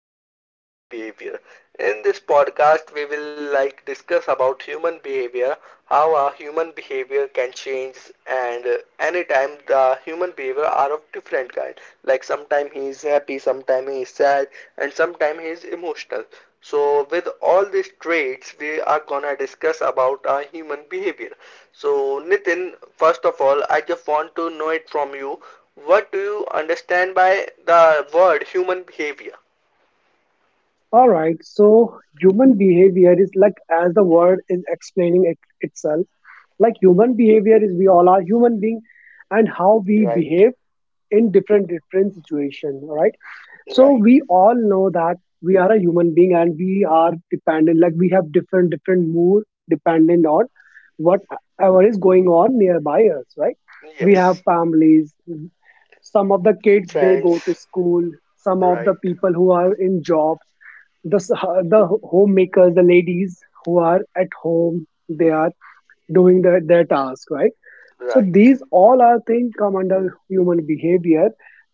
topic is human behavior. In this podcast, we will like discuss about human behavior, how our human behavior can change, and anytime the human behavior are of different kind. Like sometime he is happy, sometime he is sad, and sometime he is emotional. So, with all these traits, we are gonna discuss about our human behavior. So, Nitin, first of all, I just want to know it from you. What do you understand by the word human behavior? All right, so human behavior is like, as the word is explaining it, itself, like human behavior is we all are human being and how we Right, behave in different situation, all right. So right. we all know that we are a human being and we are dependent, like we have different mood dependent on whatever is going on nearby us, right? We have Yes. families, some of the kids they go to Friends. school, some of the Right. people who are in jobs, the homemakers, the ladies who are at home, they are doing their task, right? So Right. these all are things come under human behavior.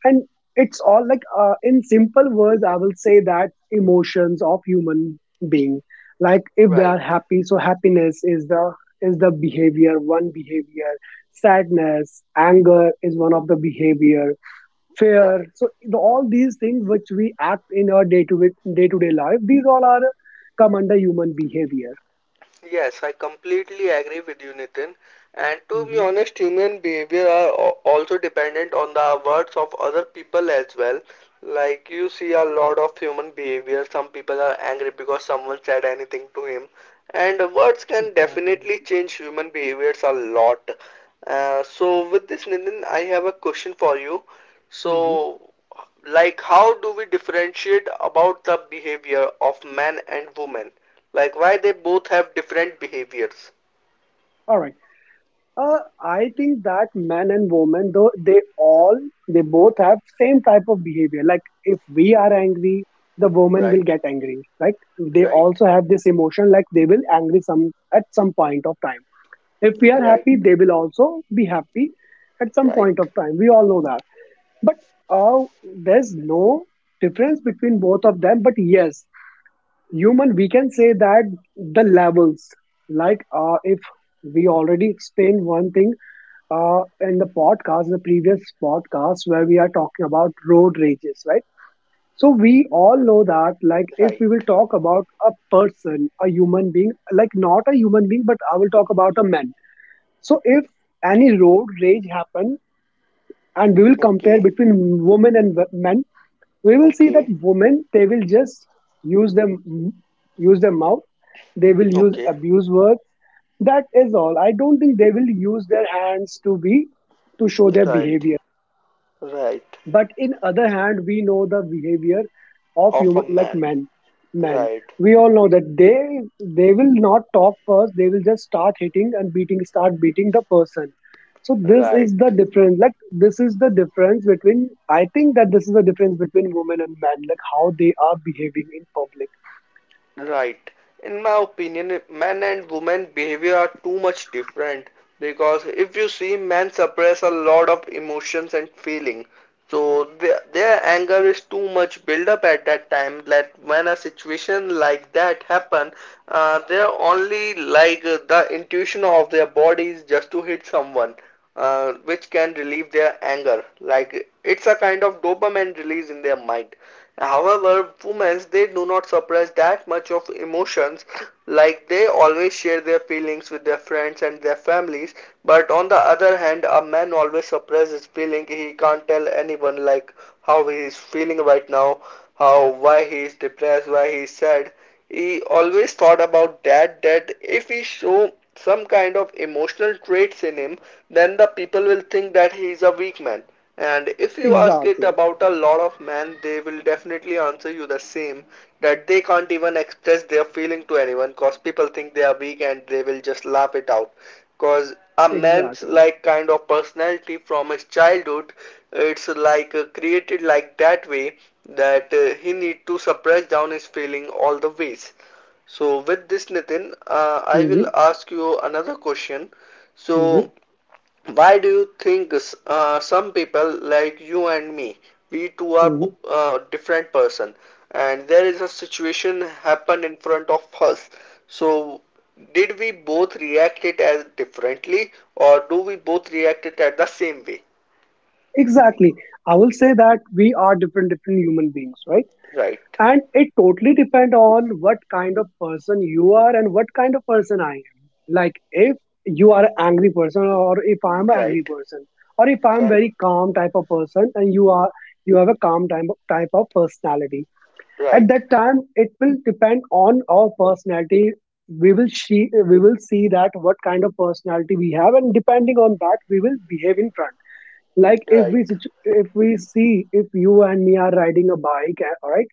And it's all like in simple words I will say that emotions of human being, like if they Right. are happy, so happiness is the behavior, one behavior. Sadness, anger is one of the behavior, fair. Right. So the, all these things which we act in our day to day to day life, these all are come under human behavior. Yes, I completely agree with you, Nitin. And to be Hmm. honest, human behavior are also dependent on the words of other people as well. Like you see a lot of human behavior. Some people are angry because someone said anything to him. And words can Exactly. definitely change human behaviors a lot. So with this, Nitin, I have a question for you. Hmm. So, like, how do we differentiate about the behavior of man and woman? Like why they both have different behaviors? All right. I think that men and women, though they both have same type of behavior. Like if we are angry, the woman Right, will get angry. Like they right, also have this emotion. Like they will angry some at some point of time. If we are right, happy, they will also be happy at some point right, of time. We all know that. But uh, there's no difference between both of them. But yes, human, we can say that the levels, like if we already explained one thing in the podcast, the previous podcast where we are talking about road rages, right? So we all know that, like, if right. we will talk about a person, a human being, like not a human being, but I will talk about a man. So if any road rage happen, and we will compare Okay, between women and men, we will see that okay, women they will just use them use their mouth, they will use okay. abuse words, that is all. I don't think they will use their hands to show their Right, behavior. right. But in other hand we know the behavior of Of a human, like man. men, Right, we all know that they will not talk first, they will just start hitting and beating the person. So this right. is the difference, like this is the difference between, I think that this is the difference between women and men, like how they are behaving in public. Right. In my opinion, men and women behavior are too much different because if you see, men suppress a lot of emotions and feeling. So their anger is too much build up at that time that when a situation like that happen, they're only like the intuition of their bodies just to hit someone, which can relieve their anger. Like it's a kind of dopamine release in their mind. However, women they do not suppress that much of emotions, like they always share their feelings with their friends and their families, but on the other hand a man always suppresses feeling. He can't tell anyone like how he is feeling right now, how, why he is depressed, why he is sad. He always thought about that, that if he show some kind of emotional traits in him, then the people will think that he is a weak man. And if you ask it Exactly. about a lot of men, they will definitely answer you the same, that they can't even express their feeling to anyone because people think they are weak and they will just laugh it out. Because a man's Exactly. like kind of personality from his childhood, it's like created like that way, that he need to suppress down his feeling all the ways. So with this, Nitin, I will Hmm. ask you another question. So Hmm. why do you think some people like you and me, we two are Hmm. Different person, and there is a situation happened in front of us. So, did we both react it as differently, or do we both react it at the same way? Exactly. I will say that we are different human beings, right? Right, And it totally depend on what kind of person you are and what kind of person I am. Like if you are an angry person, or if I am an angry right, person, or if I am right, very calm type of person, and you are, you have a calm type of personality, at right, that time it will depend on our personality. We will see that what kind of personality we have, and depending on that we will behave in front. like if right. we situ- if we see, if you and me are riding a bike, all right,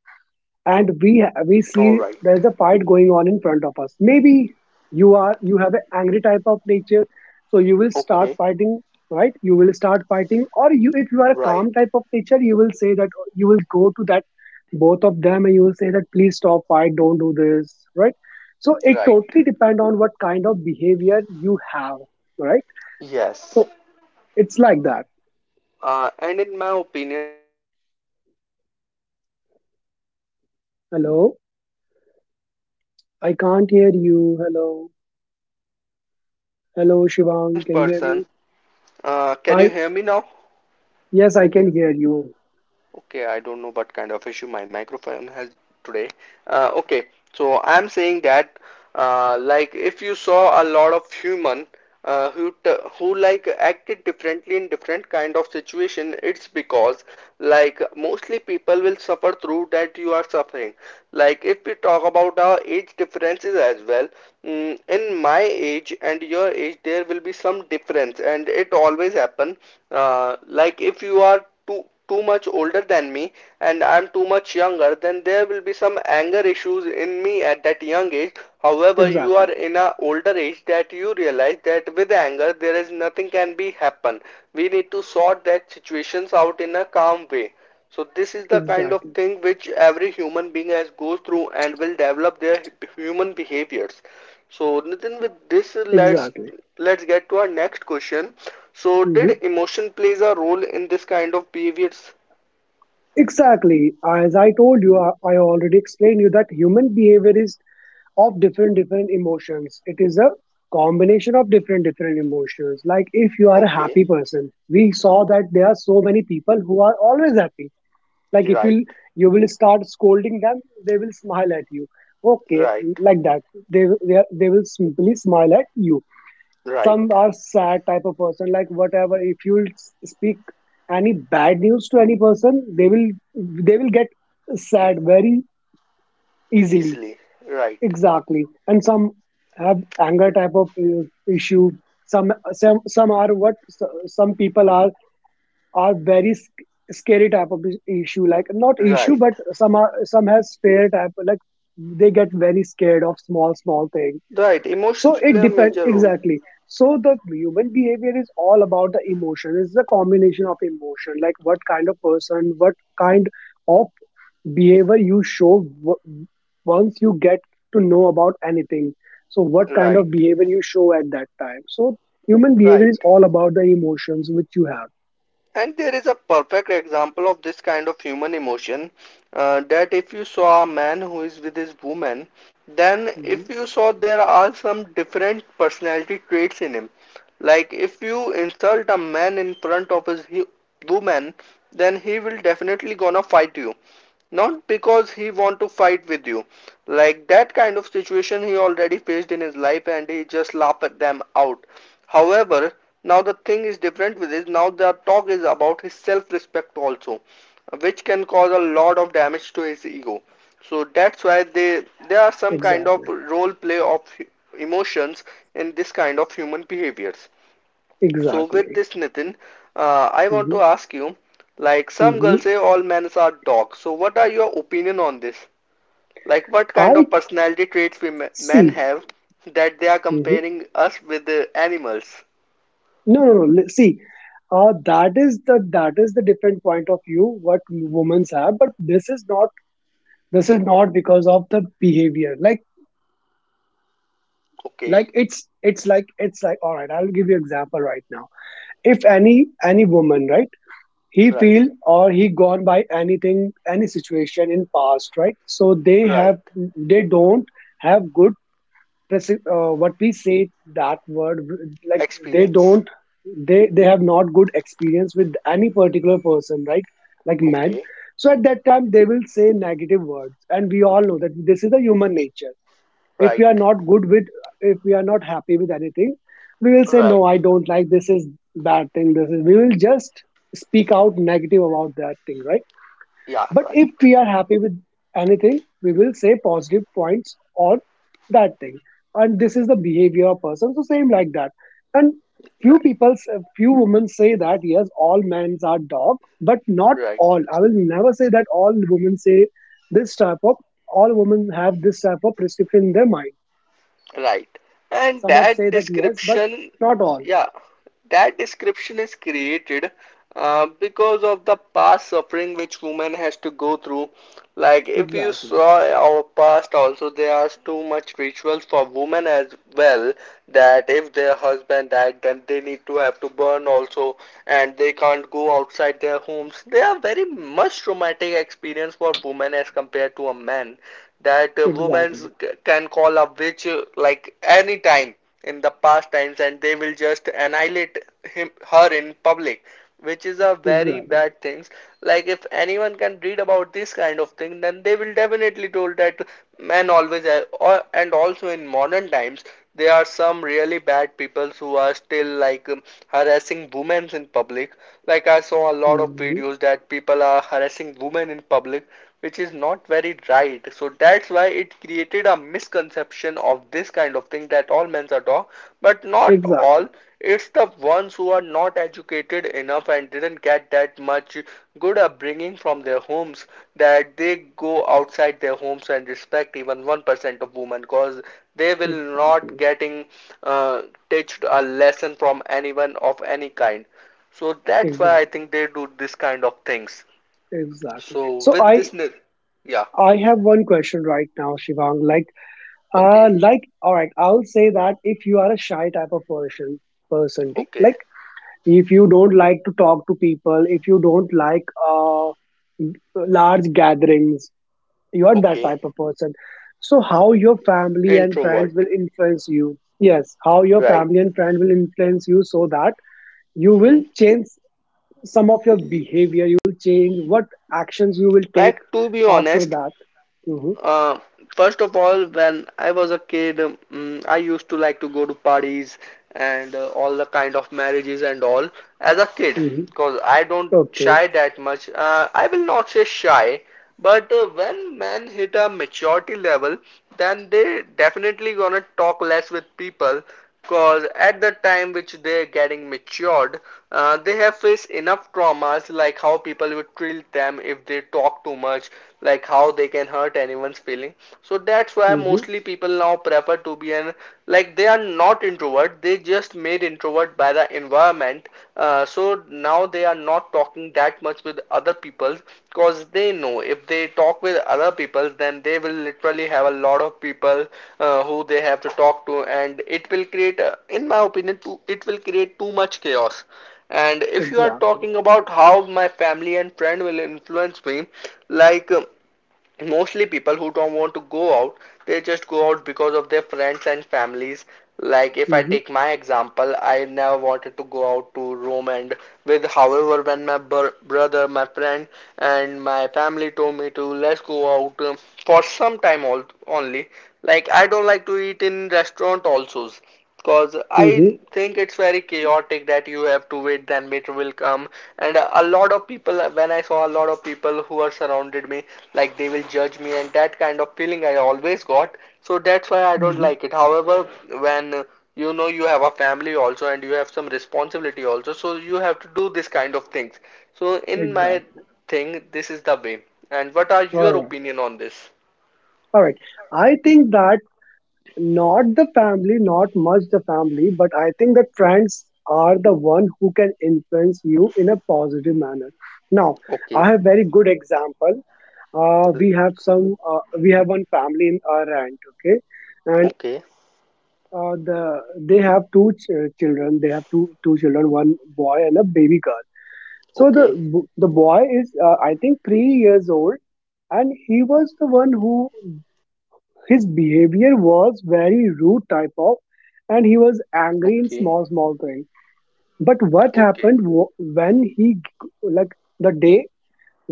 and we All see right. there's a fight going on in front of us, maybe you have an angry type of nature, so you will start Okay. fighting, right? You will start fighting. Or you, if you are a Right, calm type of nature, you will say that, you will go to that both of them and you will say that please stop fight, don't do this, right? So it right. totally depend on what kind of behavior you have, right? Yes. So it's like that. And in my opinion, you are absolutely right, Nitin. And some people literal Hello. Goes through that kind of I can't suffering of hear human you. behaviors. Hello. Like if you saw an Hello, Shivang, experienced can you hear me? person, can you I hear me now? Yes, I can hear you. Okay, I don't know what kind of issue my microphone has today. Okay, so I'm saying that like if you saw a lot of human uh, who who like acted differently in different kind of situation, it's because like mostly people will suffer through that you are suffering. Like if we talk about our age differences as well, in my age and your age there will be some difference and it always happen. Like if you are too much older than me, and I'm too much younger, then there will be some anger issues in me at that young age. However, you are Exactly. in an older age that you realize that with anger there is nothing can be happen. We need to sort that situations out in a calm way. So this is the kind of Exactly. thing which every human being has goes through and will develop their human behaviors. So Nitin, with this, let's Exactly. let's get to our next question. So did Mhm. emotion plays a role in this kind of behaviors? Exactly. As I told you, I already explained you that human behavior is of different emotions. It is a combination of different emotions. Like if you are a Okay, happy person, we saw that there are so many people who are always happy. Like if right, you will start scolding them, they will smile at you. Okay, right, like that. They will simply smile at you. right. Some are sad type of person. Like whatever, if you'll speak any bad news to any person, they will get sad very easily. Easily, right, Exactly. And some have anger type of issue. Some some people are very scary type of issue, like not issue, right. but some are, some has fear type. Like they get very scared of small things. Right, So emotions play it a depends, major role. exactly. So the human behavior is all about the emotion. It's the combination of emotion, like what kind of person, what kind of behavior you show once you get to know about anything. So what kind Right, of behavior you show at that time. So human behavior right. is all about the emotions which you have. And there is a perfect example of this kind of human emotion, that if you saw a man who is with his woman, then Mhm. if you saw there are some different personality traits in him. Like if you insult a man in front of his woman, then he will definitely gonna fight you. Not because he want to fight with you, like that kind of situation he already faced in his life and he just laugh them out. However, now the thing is different with this. Now the talk is about his self-respect also, which can cause a lot of damage to his ego. So that's why they there are some kind of Exactly. role play of emotions in this kind of human behaviors. So with Exactly. this, Nitin, I want to Hmm. ask you, like some Hmm. girls say all men are dogs. So what are your opinion on this? Like what kind I of personality traits we men see. have that they are Mm-hmm. comparing us with the animals? No, no, no. See, that is the different point of view what women have, but this is not because of the behavior. Okay, Like it's like all right. I'll give you example right now. If any woman, right, he right, feel or he gone by anything, any situation in past, right, so they have, right. they don't have good what we say, that word, like they Experience? don't they have not good experience with any particular person, right, like men. Okay, So at that time they will say negative words, and we all know that this is the human nature. If we are right, not good with, if we are not happy with anything, we will say no right. I don't like, this is bad thing, this is, we will just speak out negative about that thing, right? Yeah, But right, if we are happy with anything, we will say positive points on that thing. And this is the behavior of person. So same like that. And few right, people, few women say that yes, all men are dog, but not right. all. I will never say that all women say this type of, all women have this type of prescription in their mind. Right. And Some of say that that yes, but description, not all. yeah, that description is created because of the past suffering which woman has to go through. Like if you Exactly. saw our past also, there are too much rituals for women as well, that if their husband died, then they need to have to burn also, and they can't go outside their homes. They are very much traumatic experience for women as compared to a man, that women Exactly. can call a witch like any time in the past times and they will just annihilate him her in public, which is a very Exactly. bad things. Like if anyone can read about this kind of thing, then they will definitely told that men always and also in modern times there are some really bad people who are still like harassing women in public. Like I saw a lot of Mhm. videos that people are harassing women in public, which is not very right. So that's why it created a misconception of this kind of thing, that all men are dog, but not Exactly. all. It's the ones who are not educated enough and didn't get that much good upbringing from their homes, that they go outside their homes and respect even 1% of women, because they will not Exactly. getting uh, teached a lesson from anyone of any kind. So that's why I Exactly. think they do this kind of things. Exactly. So So with I this, yeah, I have one question right now, Shivang. Like okay, all right, I'll say that if you are a shy type of person, okay, like if you don't like to talk to people, if you don't like large gatherings, you are that okay. type of person. So how your family and friends Introvert, will influence you. Yes, how your right? family and friend will influence you, so that you Hmm. will change some of your behavior, you will change what actions you will take Like to be after honest, that. Mhm, Uh, first of all, when I was a kid, I used to like to go to parties and all the kind of marriages and all as a kid mhm. because I don't Okay. shy that much. I will not say shy, but when men hit a maturity level, then they definitely gonna talk less with people, because at the time which they're getting matured, they have faced enough traumas like how people would treat them if they talk too much, like how they can hurt anyone's feeling. So that's why Mm-hmm. mostly people now prefer to be an like they are not introvert, they just made introvert by the environment. So now they are not talking that much with other people, because they know if they talk with other people then they will literally have a lot of people who they have to talk to, and it will create, in my opinion too, it will create too much chaos. And if you are Exactly. talking about how my family and friend will influence me, like mostly people who don't want to go out, they just go out because of their friends and families. Like if I Mm-hmm. take my example, I never wanted to go out to Rome and with. However, when my brother, my friend, and my family told me to let's go out, for some time only, like I don't like to eat in restaurant also. Cause I Mm-hmm. think it's very chaotic that you have to wait, then meter will come. And a lot of people, when I saw a lot of people who are surrounded me, like they will judge me, and that kind of feeling I always got. So that's why I don't Mm-hmm. like it. However, when you know you have a family also and you have some responsibility also, so you have to do this kind of things. So in my Exactly. thing, this is the way. And what are All your right. opinion on this? All right. I think that not the family, not much the family, but I think that friends are the one who can influence you in a positive manner. Now, I Okay, have very good example. We have some. We have one family in our rent. Okay, and okay, uh, the they have children. They have two children, one boy and a baby girl. So okay, the boy is I think 3 years old, and he was the one who, his behavior was very rude type of, and he was angry in okay, small things. But what okay, happened when like the day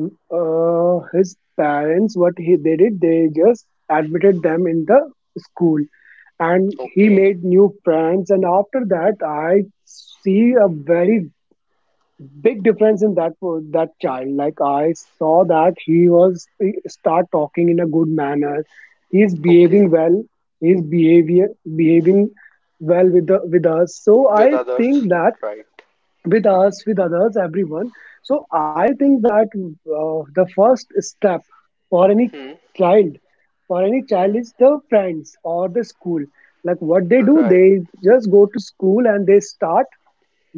his parents, what he they did, they just admitted them in the school, and he okay. made new friends, and after that I see a very big difference in that, for that child. Like I saw that he was, he start talking in a good manner, he's Okay, behaving well, he's behavior behaving well with the with us. So with I others, think that right. with us, with others, everyone. So I think that the first step for any Hmm. child, for any child Hmm. is the friends or the school. Like what they do, Right, they just go to school and they start,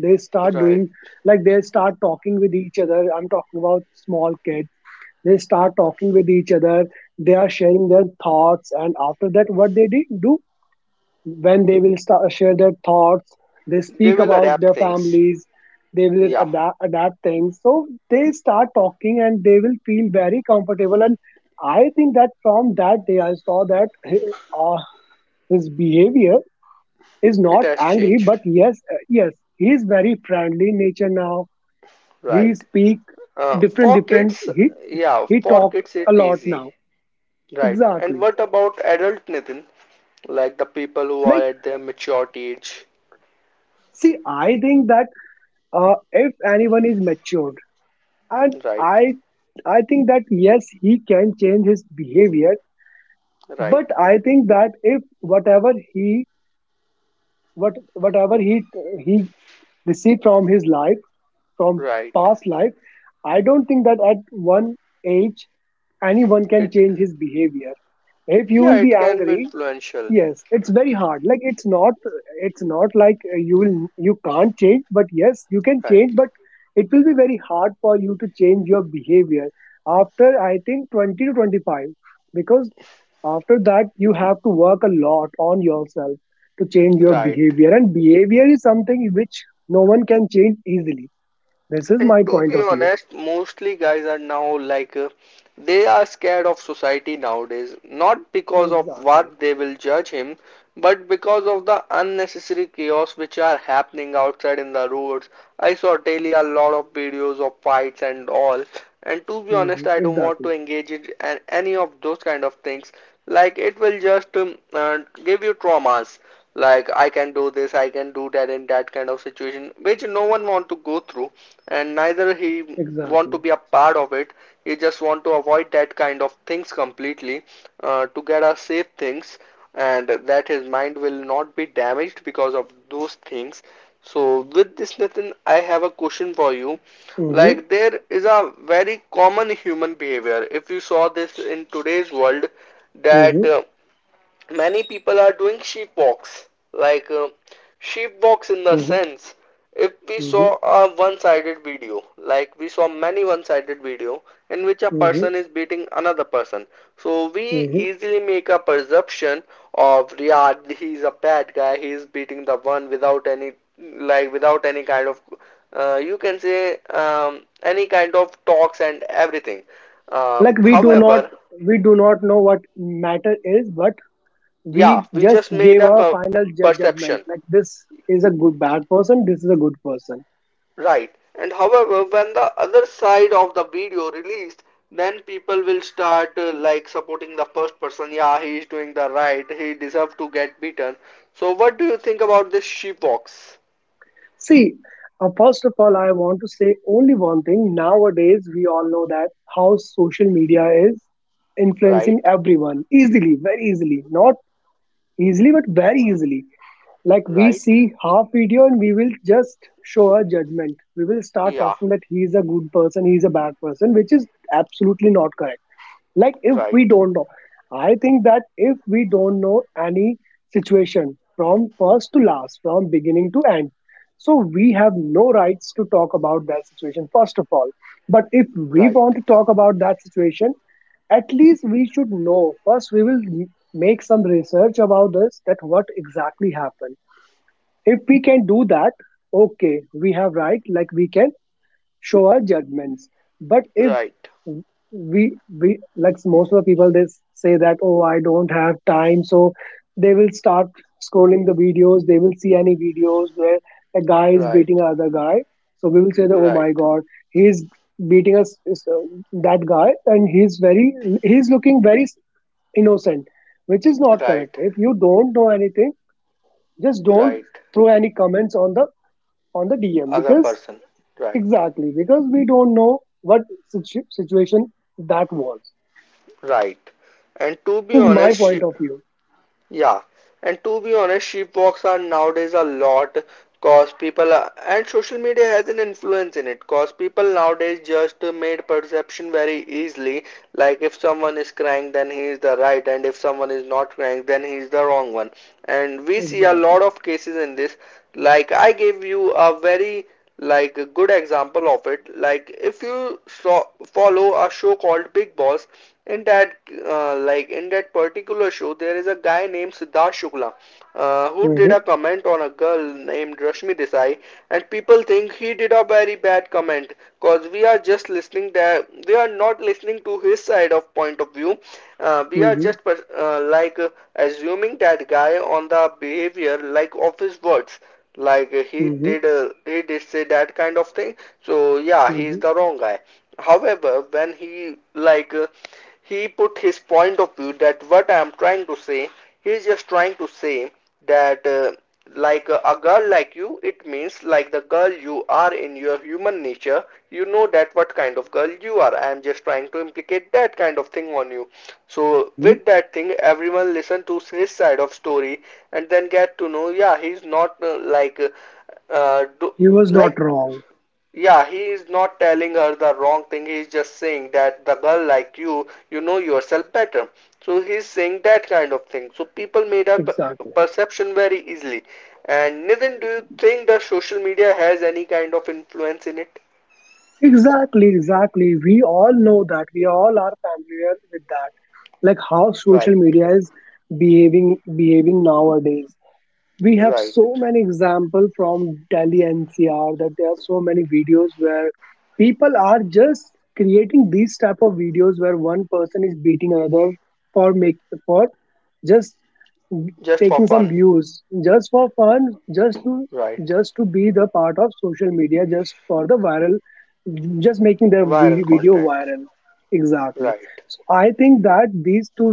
they start right. doing, like they start talking with each other. I'm talking about small kids. They start talking with each other. They are sharing their thoughts, and after that, what they did do when they will start share their thoughts, they They speak will about adapt their things. families. They will Yeah, adapt things. So they start talking, and they will feel very comfortable. And I think that from that day, I saw that uh, his behavior is it not has angry, changed. but yes, yes, he is very friendly in nature now. He Right. speak different For different, kids, he yeah, for talk kids a it lot easy. now. Right. And Exactly. what about adult Nitin? Like the people who are Like, at their maturity age. see, I think that if anyone is matured and i Right, I think that yes, he can change his behavior. But right, I think that if whatever he what whatever he he received from his life, from right. past life, I don't think that at one age anyone can It, change his behavior if you yeah, will it be can be angry. influential. Yes, it's very hard. Like it's not like you can't change, but yes, you can Right, change, but it will be very hard for you to change your behavior after I think 20 to 25, because after that you have to work a lot on yourself to change your right. behavior, and behavior is something which no one can change easily. This is And my to point be of view. honest, mostly guys are now like they are scared of society nowadays, not because of Exactly. what they will judge him, but because of the unnecessary chaos which are happening outside in the roads. I saw daily a lot of videos of fights and all, and to be Hmm. honest, I don't want to Exactly. engage in any of those kind of things. Like it will just give you traumas, like I can do this, I can do that in that kind of situation, which no one want to go through, and neither he want to Exactly. be a part of it. He just want to avoid that kind of things completely, to get us safe things, and that his mind will not be damaged because of those things. So with this, Nathan, I have a question for you. Mm-hmm. Like there is a very common human behavior. If you saw this in today's world, that Mm-hmm. Many people are doing sheep walks, like sheep walks in the Mm-hmm. sense, if we saw a one-sided video, like we saw many one-sided video in which a Mm-hmm. person is beating another person, so we Mm-hmm. easily make a perception of Riyad. He's a bad guy. He is beating the one without any, like without any kind of, you can say, any kind of talks and everything. Like, we do not However, know what matter is, but we yeah, we just just made gave a a final judgment perception. like this is a good bad person, this is a good person. Right. And however, when the other side of the video released, then people will start like supporting the first person. Yeah, he is doing the right. He deserves to get beaten. So, what do you think about this she box? See, first of all, I want to say only one thing. Nowadays we all know that how social media is influencing Right. everyone easily, very easily. Not easily, but very easily. Like, we Right. see half video and we will just show a judgment. We will start Yeah. talking that he is a good person, he is a bad person, which is absolutely not correct. Like, if Right. we don't know, I think that if we don't know any situation from first to last, from beginning to end, so we have no rights to talk about that situation, first of all. But if we Right. want to talk about that situation, at least we should know first. We will make some research about this, that what exactly happened. If we can do that, okay, we have right, like we can show our judgments. But if Right. we we, like most of the people, they say that oh, I don't have time, so they will start scrolling the videos. They will see any videos where a guy is Right. beating another guy, so we will say that oh my Right. god, he is beating that guy, and he's very he's looking very innocent, which is not correct. Right. If you don't know anything, just don't Right. throw any comments on the DM, Other because person. Right. exactly, because we don't know what situation that was. Right. And So to this be is my honest, she. point of view. Yeah, and to be honest, sheep walks are nowadays a lot, cause people are, and social media has an influence in it, cause people nowadays just made perception very easily. Like if someone is crying, then he is the right, and if someone is not crying, then he is the wrong one. And we see a Exactly. lot of cases in this. Like I gave you a very, like a good example of it, like if you saw, follow a show called Big Boss. In that, like in that particular show, there is a guy named Siddharth Shukla, who did Mm-hmm, a comment on a girl named Rashmi Desai, and people think he did a very bad comment, because we are just listening there, we are not listening to his side of point of view. We are mm-hmm, just, like, assuming that guy on the behavior, like of his words, like mm-hmm, he did say that kind of thing. So yeah, he is mm-hmm, the wrong guy. However, when he, like he put his point of view that what I am trying to say, he is just trying to say that, like, a girl like you, it means like the girl you are in your human nature, you know that what kind of girl you are, I am just trying to implicate that kind of thing on you. So mm-hmm. with that thing, everyone listen to his side of story, and then get to know, yeah, he's not uh, do, He was like, not wrong. yeah, he is not telling her the wrong thing. He is just saying that the girl like you know yourself better. So he is saying that kind of thing. So people made a Exactly. perception very easily. And Nitin, do you think the social media has any kind of influence in it? Exactly. Exactly. We all know that. We all are familiar with that. Like how Right, social media is behaving nowadays. We have right. so many example from Delhi NCR, that there are so many videos where people are just creating these type of videos where one person is beating another for make for just Just for taking some fun. views, just for fun, just to Right. just to be the part of social media, just for the viral, just making their Viral video content. viral. Exactly. Right. So I think that these two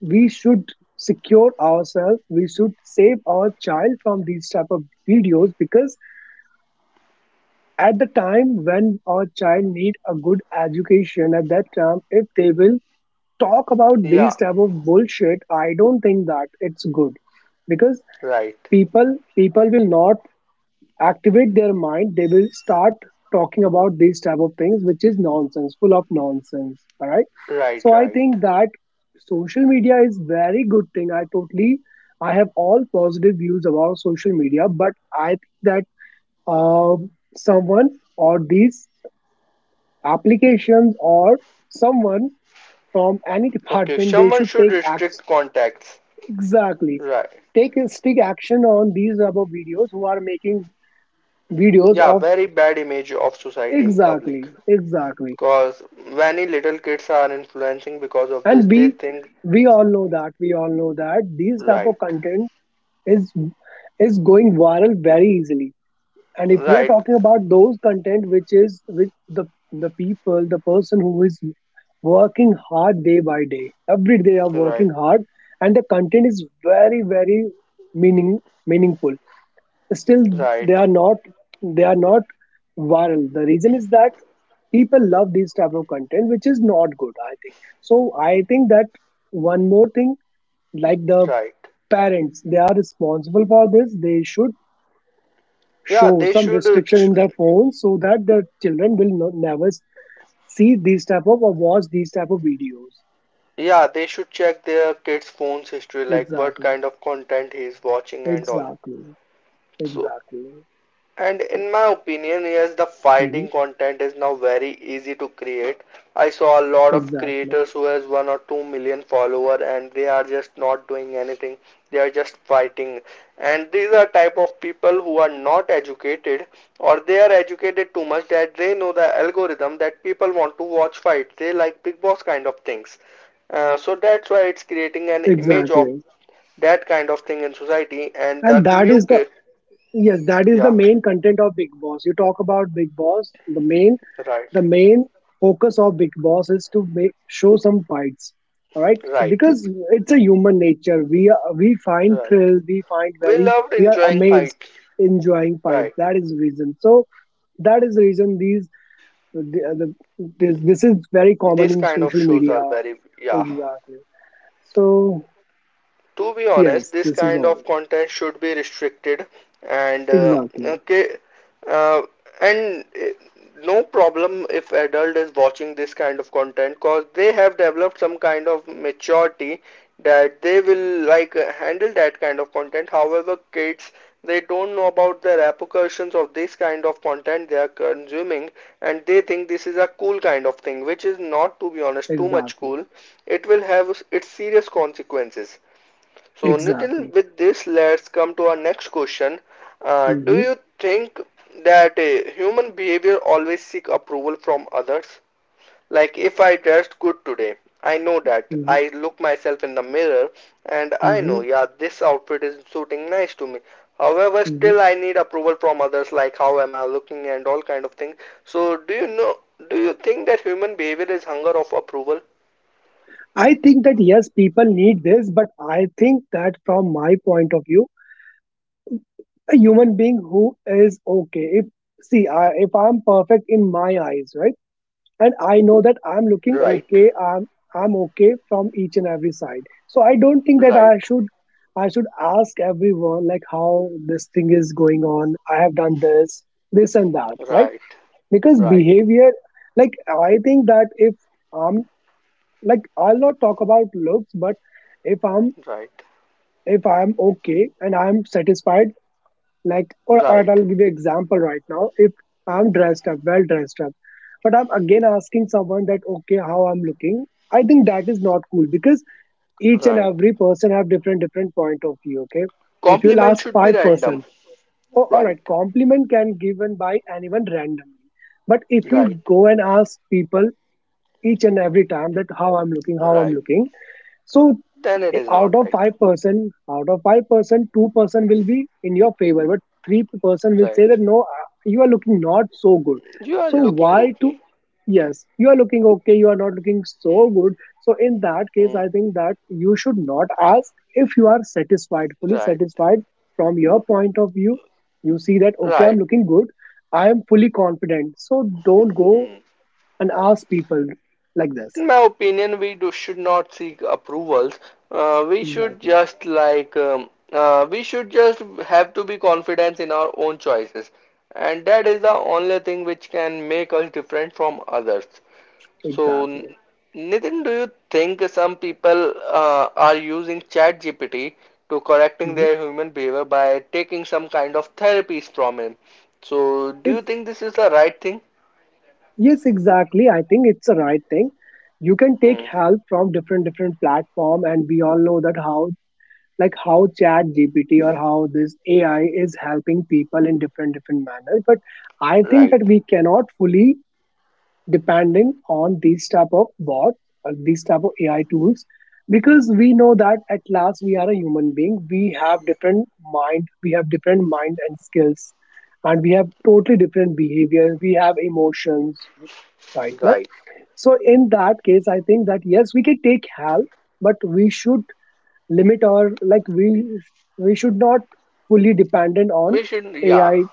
we should secure ourselves. We should save our child from these type of videos, because at the time when our child need a good education, at that time if they will talk about Yeah. these type of bullshit, I don't think that it's good, because Right. People will not activate their mind. They will start talking about these type of things, which is nonsense, full of nonsense. All right. Right, So I right. think that social media is very good thing. I totally, I have all positive views about social media, but I think that um, someone or these applications or someone from any Okay, department, they someone should should take acts. restrict contacts. Exactly. Right. Take a strict action on these type of videos who are making videos Yeah, of. very bad image of society in public. Exactly. Exactly. Cause many little kids are influencing because of this. And They think. we all know that, these type of Right, content is going viral very easily. And if we are right, talking about those content which is with the people, the person who is working hard day by day, every day they are right, working hard, and the content is very very meaning meaningful, still they right, are not they are not viral. The reason is that people love these type of content, which is not good, I think. So I think that one more thing, like the right. parents, they are responsible for this. They should Yeah, show they some should. Restriction Sh in their phones so that the children will not, never see these type of or watch these type of videos. Yeah, they should check their kids' phones history, like what Exactly. kind of content he is watching and all. Exactly. So. Exactly. And in my opinion, yes, the Mhm. fighting content is now very easy to create. I saw a lot of Exactly. creators who has 1 or 2 million follower, and they are just not doing anything. They are just fighting. And these are type of people who are not educated, or they are educated too much that they know the algorithm that people want to watch fight. They like Big Boss kind of things. So that's why it's creating an image of Exactly. that kind of thing in society and And that that new is the. kid. Yes, that is the Yeah, main content of Big Boss. You talk about Big Boss. Right. The main focus of Big Boss is to make show some fights. All right, so Right, because it's a human nature, we are, we find right. thrill, we find We very loved we are enjoying amazed fights. enjoying fights. Right. That is the reason. So that is the reason the, the, this is very common These in kind of social shows media. are very, yeah. Exactly. So To be honest, yes, this this is kind all. of content should be restricted and Exactly. okay, uh, and no problem if adult is watching this kind of content, because they have developed some kind of maturity that they will, like handle that kind of content. However, kids, they don't know about the repercussions of this kind of content they are consuming, and they think this is a cool kind of thing, which is not, to be honest, too much Exactly. cool. It will have its serious consequences. So, Nitin, Exactly. with this, let's come to our next question. Do Hmm. you think that human behavior always seek approval from others? Like, if I dressed good today, I know that. I look myself in the mirror and I know, Mhm, yeah, this outfit is suiting nice to me. However, mhm. still I need approval from others, like how am I looking and all kind of things. So, do you know? Do you think that human behavior is hunger of approval? I think that yes, people need this, but I think that from my point of view, a human being who is okay. If, see, I, if I'm perfect in my eyes, right, and I know that I'm looking Right, okay, I'm okay from each and every side. So I don't think that right, I should ask everyone like how this thing is going on. I have done this, this and that, right? right, Because right, behavior, like I think that if I'm like I'll not talk about looks, but if I'm right. if I'm okay and I'm satisfied, like, or Right, I'll give you example right now. If I'm dressed up, well dressed up, but I'm again asking someone that okay, how I'm looking, I think that is not cool because each and right. every person have different different point of view. Okay, if you'll Compliment ask should be five random. person, oh all right, Right, compliment can given by anyone randomly, but if you'll right, go and ask people each and every time that how I'm looking, how I'm right. looking, so Then it i- is out not of right. five person, out of five person, two-person will be in your favor, but three-person will say Right. that no, you are looking not so good. You are So looking why okay. to? Yes, you are looking okay. You are not looking Hmm, so good. So in that case, hmm. I think that you should not ask. If you are satisfied, fully Right, satisfied from your point of view. You see that okay, I'm right. looking good. I am fully confident. So don't go Hmm. and ask people like this. In my opinion, we do should not seek approvals. We should Exactly. just like we should just have to be confident in our own choices, and that is the only thing which can make us different from others. So, Exactly. Nitin, do you think some people are using ChatGPT to correcting Mhm. their human behavior by taking some kind of therapies from him? So, do you think this is the right thing? Yes, exactly. I think it's the right thing. You can take Hmm. help from different different platform, and we all know that how, like how Chat GPT or how this AI is helping people in different different manners. But I think Right. that we cannot fully depending on these type of bots or these type of AI tools, because we know that at last we are a human being. We have different mind, and skills, and we have totally different behaviors. We have emotions, right? Now, Right. so in that case, I think that yes, we can take help, but we should limit our, like we should not fully dependent on We should, yeah. AI.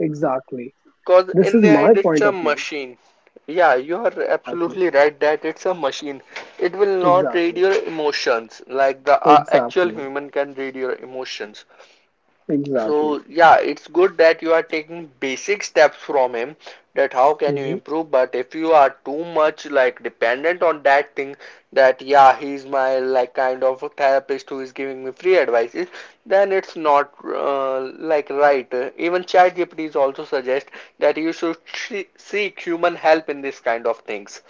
Exactly. Because This in is the my end, it's point a of view. machine. Yeah, you are Exactly. absolutely right that it's a machine. It will not read Exactly. your emotions like the actual Exactly. human can read your emotions. Exactly. So yeah, it's good that you are taking basic steps from him, that how can you Hmm. improve, but if you are too much like dependent on that thing, that yeah, he's my like kind of a therapist who is giving me free advices, then it's not, like, right. Even ChatGPT is also suggest that you should seek human help in this kind of things.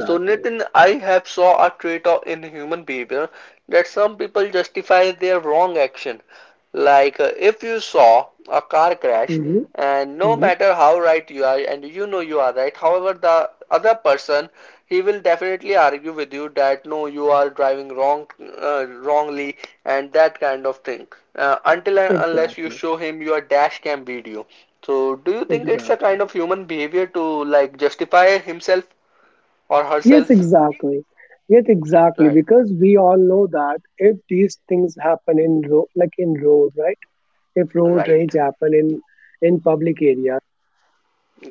So, Nitin, I have saw a trait in human behavior that some people justify their wrong action. Like if you saw a car crash, Hmm. and no Hmm. matter how right you are, and you know you are right, however, the other person, he will definitely argue with you that no, you are driving wrong, wrongly, and that kind of thing. Until and unless you Exactly. show him your dash cam video. So, do you think it's a Exactly. kind of human behavior to like justify himself? Or Yes, herself. exactly. Yes, exactly. Right, Because we all know that if these things happen in road, like in road, right? If road right, rage happen in public area,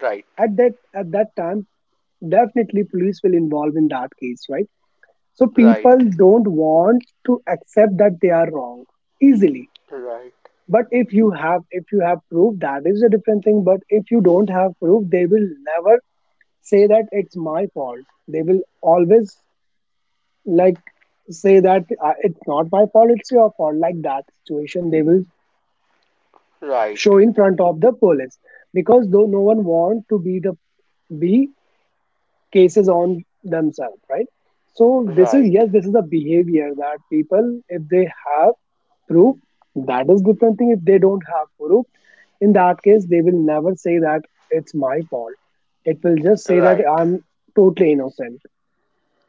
right, at that time, definitely police will involve in that case, right? So right, people don't want to accept that they are wrong easily, right, but if you have, if you have proof, that is a different thing, but if you don't have proof, they will never say that it's my fault. They will always, like, say that it's not my fault, it's your fault, like that situation they will right, show in front of the police, because though no one want to be the be cases on themselves, right? So this is, right, yes, this is the behavior, that people, if they have proof, that is different thing, if they don't have proof, in that case they will never say that it's my fault. It will just say that right. I'm totally innocent.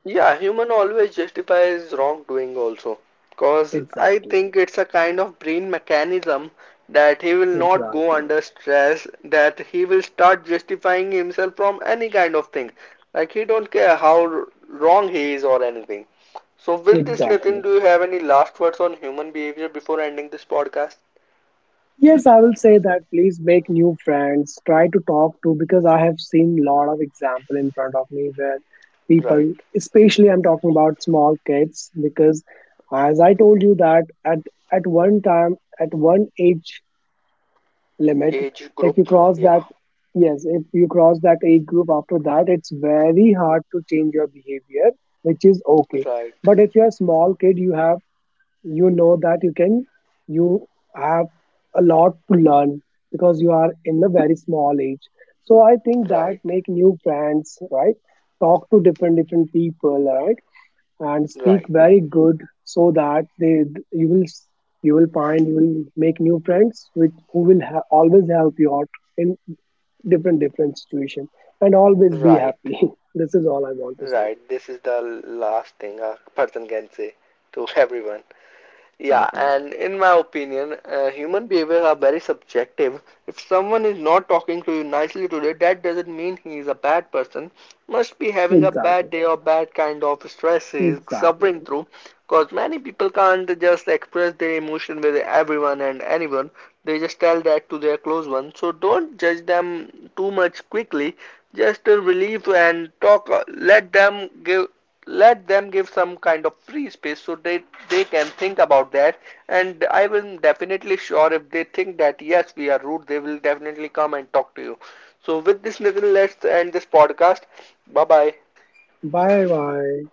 Yeah, human always justifies wrongdoing also. Cause I Exactly. think it's a kind of brain mechanism that he will not go Exactly. under stress, that he will start justifying himself from any kind of thing. Like he don't care how wrong he is or anything. So with this, Exactly. Nitin, do you have any last words on human behavior before ending this podcast? Yes, I will say that please make new friends, try to talk to, because I have seen lot of example in front of me where people, Right. especially I'm talking about small kids, because as I told you that at at one time, at one age limit, Age if group, you cross yeah. that yes, if you cross that age group, after that it's very hard to change your behavior, which is okay. Right, But if you're a small kid, you have, you know that you can, you have a lot to learn, because you are in a very small age. So I think that right, make new friends, right, talk to different different people, right, and speak right, very good, so that they, you will you will find, you will make new friends which who will always help you out in different different situation, and always be right, happy. This is all I want to say. right. This is the last thing a person can say to everyone. Yeah, Exactly. and in my opinion, human behavior are very subjective. If someone is not talking to you nicely today, that doesn't mean he is a bad person. Must be having a bad Exactly. day or bad kind of stress he is suffering Exactly. through. Because many people can't just express their emotion with everyone and anyone. They just tell that to their close ones. So don't judge them too much quickly. Just relieve and talk. Let them give, let them give some kind of free space, so they can think about that, and I will definitely sure, if they think that yes, we are rude, they will definitely come and talk to you. So with this, Nitin, let's end this podcast. Bye bye. Bye bye.